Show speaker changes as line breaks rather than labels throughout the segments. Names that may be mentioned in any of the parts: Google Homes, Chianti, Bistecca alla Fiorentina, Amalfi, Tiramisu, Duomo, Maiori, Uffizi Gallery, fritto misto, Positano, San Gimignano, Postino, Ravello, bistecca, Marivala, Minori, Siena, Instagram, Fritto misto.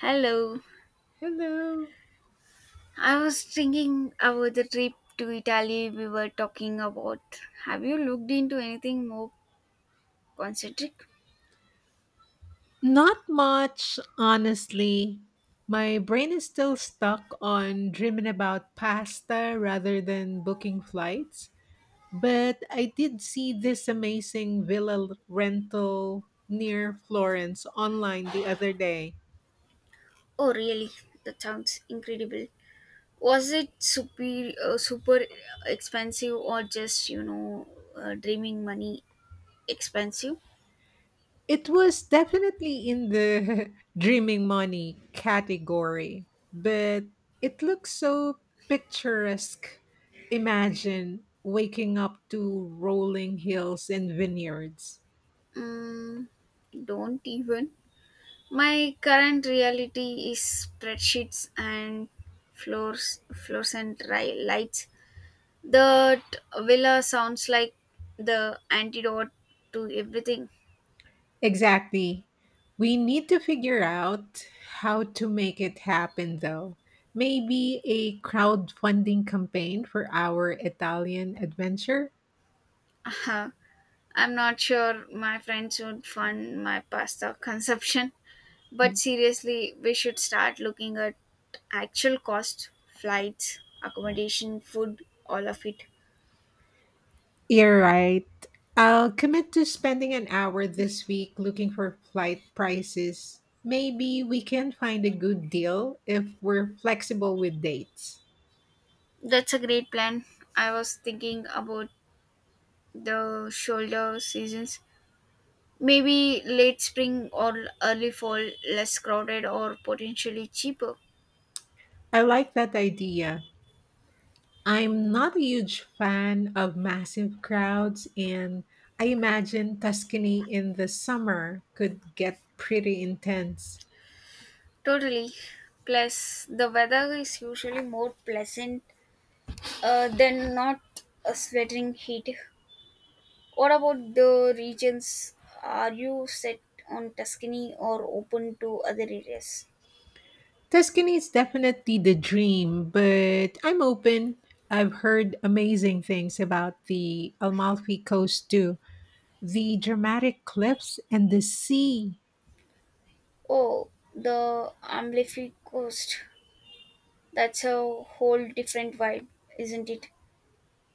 Hello.
Hello.
I was thinking about the trip to Italy we were talking about. Have you looked into anything more concentric?
Not much, honestly. My brain is still stuck on dreaming about pasta rather than booking flights. But I did see this amazing villa rental near Florence online the other day.
Oh, really? That sounds incredible. Was it super, super expensive or just, dreaming money expensive?
It was definitely in the dreaming money category, but it looks so picturesque. Imagine waking up to rolling hills and vineyards.
Mm, don't even. My current reality is spreadsheets and floors and lights. That villa sounds like the antidote to everything.
Exactly. We need to figure out how to make it happen, though. Maybe a crowdfunding campaign for our Italian adventure?
Uh, I'm not sure my friends would fund my pasta consumption, but
Hmm.
seriously, we should start looking at actual cost, flights, accommodation, food, all of it.
You're right. I'll commit to spending an hour this week looking for flight prices. Maybe we can find a good deal if we're flexible with dates.
That's a great plan. I was thinking about the shoulder seasons. Maybe late spring or early fall, less crowded or potentially cheaper.
I like that idea. I'm not a huge fan of massive crowds, and I imagine Tuscany in the summer could get pretty intense.
Totally. Plus, the weather is usually more pleasant than not a sweltering heat. What about the regions? Are you set on Tuscany or open to other areas?
Tuscany is definitely the dream, but I'm open. I've heard amazing things about the Amalfi Coast too. The dramatic cliffs and the sea.
Oh, the Amalfi Coast. That's a whole different vibe, isn't it?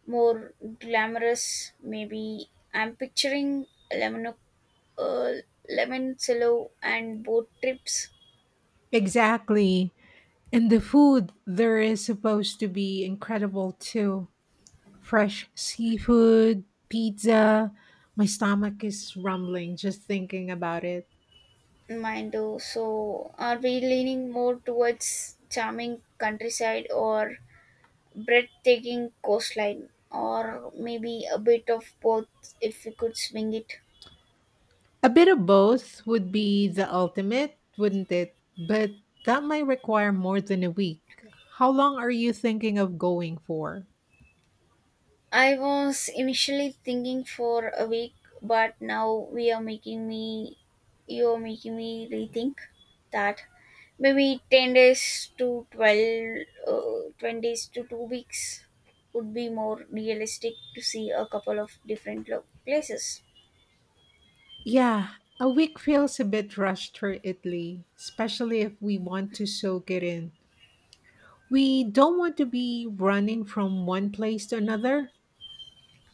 More glamorous, maybe. I'm picturing Lemon, uh, Lemon Silo and boat trips.
Exactly. And the food there is supposed to be incredible too. Fresh seafood, pizza. My stomach is rumbling just thinking about it.
Mind though, so are we leaning more towards charming countryside or breathtaking coastline, or maybe a bit of both if we could swing it?
A bit of both would be the ultimate, wouldn't it? But that might require more than a week. How long are you thinking of going for?
I was initially thinking for a week, but now we are making me, you are making me rethink that. Maybe 10 days to 12, 20 days to 2 weeks would be more realistic to see a couple of different places.
Yeah, a week feels a bit rushed for Italy, especially if we want to soak it in. We don't want to be running from one place to another.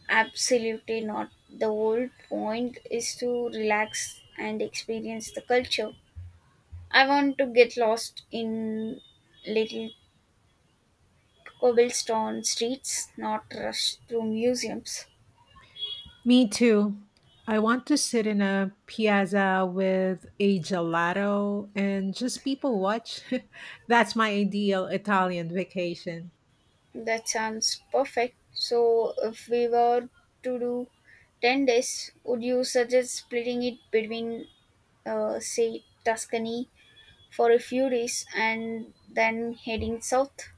Absolutely not. The whole point is to relax and experience the culture. I want to get lost in little cobblestone streets, not rush through museums.
Me too. I want to sit in a piazza with a gelato and just people watch. That's my ideal Italian vacation.
That sounds perfect. So, if we were to do 10 days, would you suggest splitting it between, say, Tuscany for a few days and then heading south?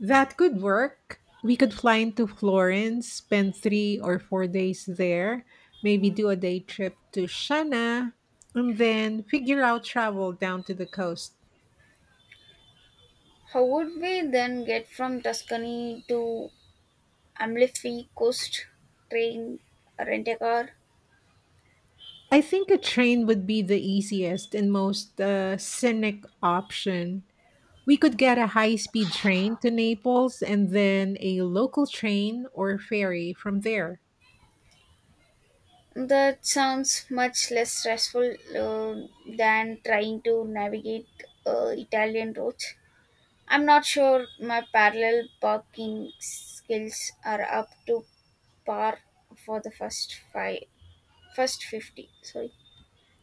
That could work. We could fly into Florence, spend 3 or 4 days there, maybe do a day trip to Shana, and then figure out travel down to the coast.
How would we then get from Tuscany to Amalfi Coast? Train, rent a car?
I think a train would be the easiest and most scenic option. We could get a high speed train to Naples and then a local train or ferry from there.
That sounds much less stressful than trying to navigate Italian roads. I'm not sure my parallel parking skills are up to par for first 50. Sorry,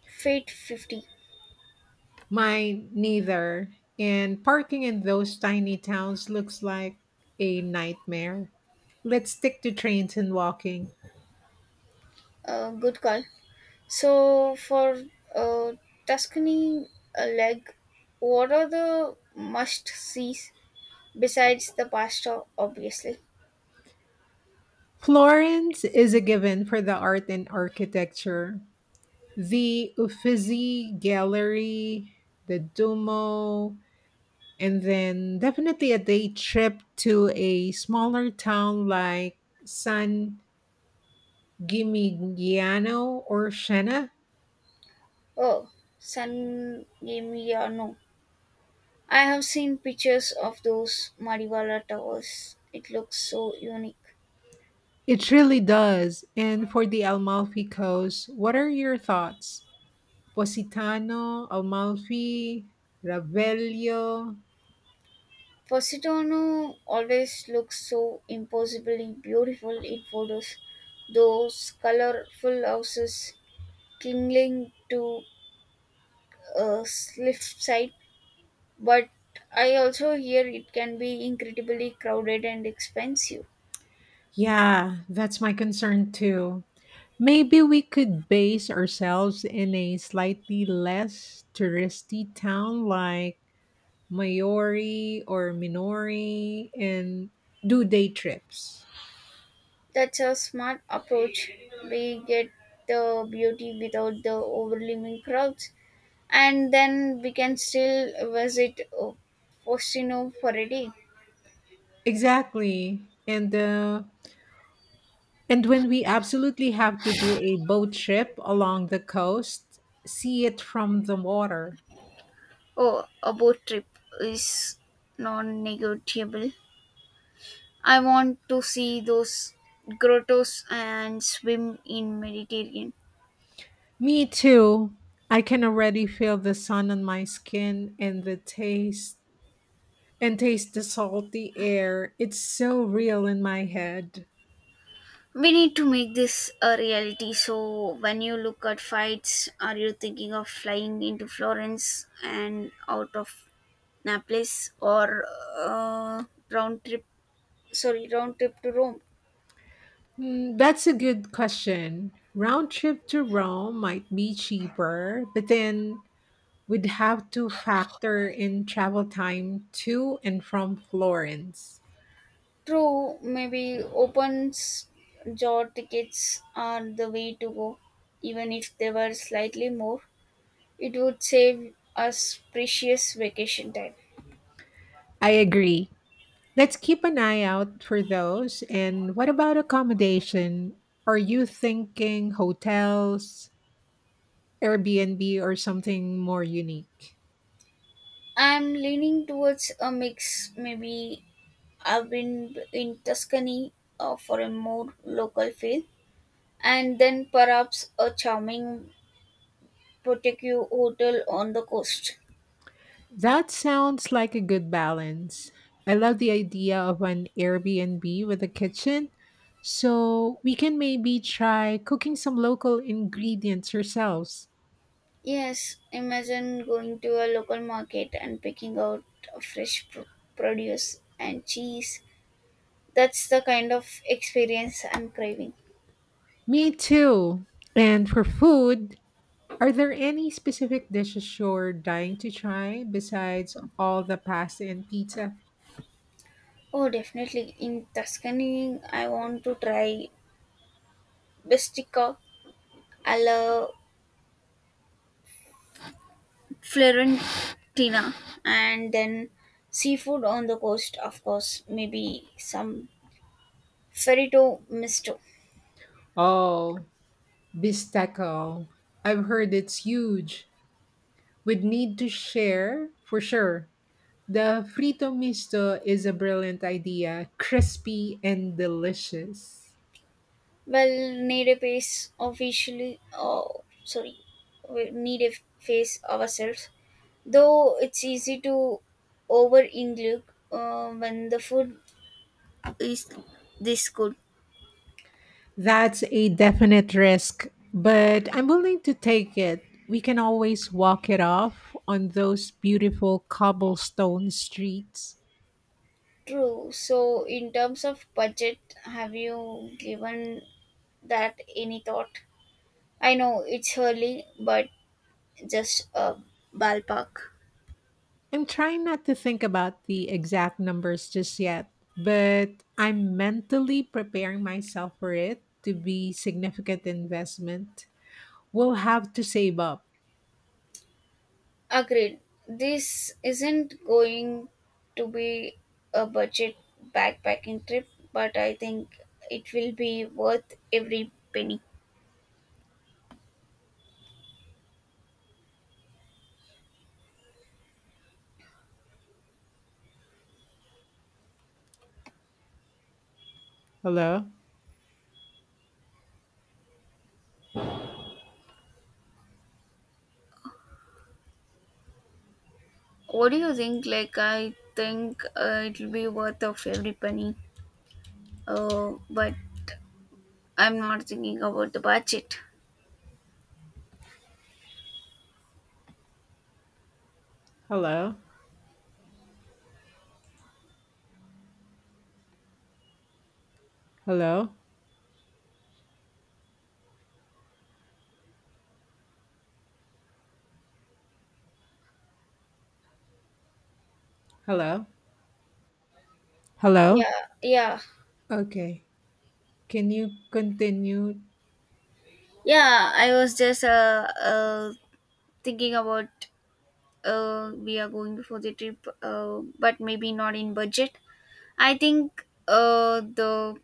fate 50.
Mine neither. And parking in those tiny towns looks like a nightmare. Let's stick to trains and walking.
Good call. So for uh, Tuscany leg, what are the must sees besides the pasta? Obviously,
Florence is a given for the art and architecture. The Uffizi Gallery, the Duomo, and then definitely a day trip to a smaller town like San Gimignano or Siena.
oh, San Gimignano. I have seen pictures of those Marivala towers. It looks so unique.
It really does. And for the Amalfi Coast, what are your thoughts? Positano, Amalfi, Ravelio.
Positano always looks so impossibly beautiful in photos. Those colorful houses clinging to a cliffside, but I also hear it can be incredibly crowded and expensive.
Yeah, that's my concern too. Maybe we could base ourselves in a slightly less touristy town like Maiori or Minori and do day trips.
That's a smart approach. We get the beauty without the overwhelming crowds, and then we can still visit Postino for a day.
Exactly. And uh, And when we absolutely have to do a boat trip along the coast, see it from the water.
Oh, a boat trip is non-negotiable. I want to see those grottos and swim in Mediterranean.
Me too. I can already feel the sun on my skin and the taste the salty air. It's so real in my head.
We need to make this a reality. So when you look at fights, are you thinking of flying into Florence and out of Naples, or uh, round trip round trip to Rome?
Hmm, that's a good question. Round trip to Rome might be cheaper, but then we'd have to factor in travel time to and from Florence.
True. Maybe open jaw tickets are the way to go. Even if they were slightly more, it would save us precious vacation time.
I agree. Let's keep an eye out for those. And what about accommodation? Are you thinking hotels, Airbnb, or something more unique?
I'm leaning towards a mix. Maybe I've been in Tuscany, for a more local feel, and then perhaps a charming boutique hotel on the coast.
That sounds like a good balance. I love the idea of an Airbnb with a kitchen. So we can maybe try cooking some local ingredients ourselves.
Yes, imagine going to a local market and picking out fresh produce and cheese. That's the kind of experience I'm craving.
Me too. And for food, are there any specific dishes you're dying to try besides all the pasta and pizza?
Oh, definitely. In Tuscany, I want to try bestica alla Florentina, and then seafood on the coast, of course, maybe some ferrito misto.
Oh, bistecco. I've heard it's huge. We'd need to share for sure. The frito misto is a brilliant idea, crispy and delicious.
Well, need a face officially, oh, sorry, we need a face ourselves, though it's easy to over include when the food is this good.
That's a definite risk, but I'm willing to take it. We can always walk it off on those beautiful cobblestone streets.
True. So, in terms of budget, have you given that any thought? I know it's early, but just a ballpark.
I'm trying not to think about the exact numbers just yet, but I'm mentally preparing myself for it to be significant investment. We'll have to save up.
Agreed. This isn't going to be a budget backpacking trip, but I think it will be worth every penny.
Hello?
What do you think? Like, I think it'll be worth of every penny. But I'm not thinking about the budget.
Hello? Hello? Hello? Hello?
Yeah, yeah,
Okay. Can you continue?
yeah. I was just thinking about we are going before the trip, but maybe not in budget. I think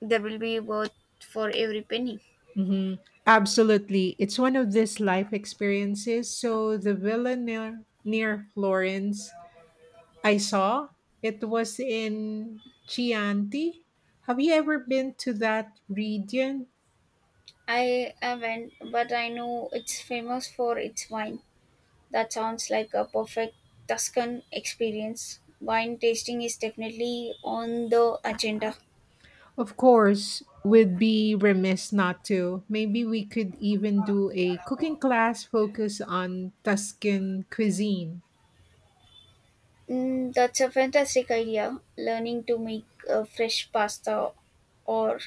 there will be worth for every penny.
Hmm. Absolutely. It's one of these life experiences. So the villa near Florence I saw. It was in Chianti. Have you ever been to that region?
I haven't, but I know it's famous for its wine. That sounds like a perfect Tuscan experience. Wine tasting is definitely on the agenda.
Of course, we'd be remiss not to. Maybe we could even do a cooking class focused on Tuscan cuisine.
Mm, that's a fantastic idea. Learning to make fresh pasta or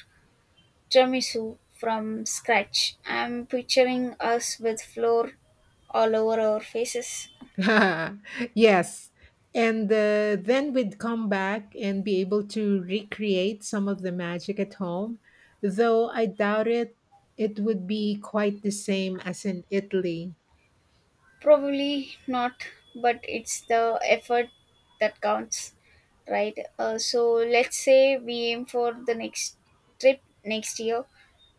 tiramisu from scratch. I'm picturing us with flour all over our faces.
Yes. And Then we'd come back and be able to recreate some of the magic at home, though I doubt it would be quite the same as in Italy.
Probably not, but it's the effort that counts, right? So let's say we aim for the next trip next year.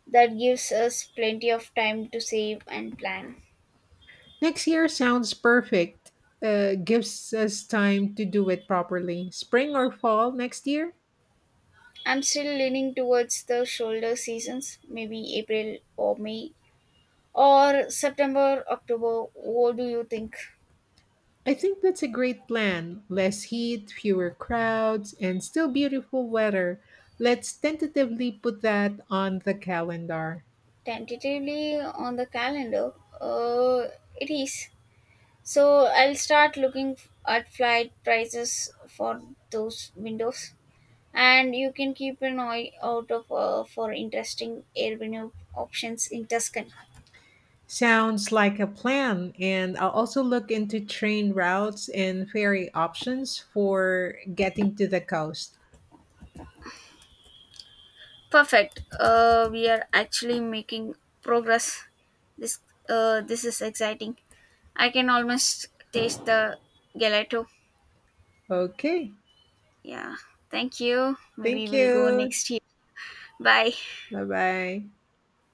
That gives us plenty of time to save and plan.
Next year sounds perfect. Gives us time to do it properly. Spring or fall next year?
I'm still leaning towards the shoulder seasons, maybe April or May or September, October. What do you think?
I think that's a great plan. Less heat, fewer crowds, and still beautiful weather. Let's tentatively put that on the calendar.
Tentatively on the calendar uh, it is. So I'll start looking at flight prices for those windows, and you can keep an eye out of for interesting Airbnb options in Tuscany.
Sounds like a plan, and I'll also look into train routes and ferry options for getting to the coast.
Perfect. We are actually making progress. this this is exciting. I can almost taste the gelato.
Okay,
Yeah, thank you. Maybe
thank
we'll go
you.
next year. Bye.
Bye bye.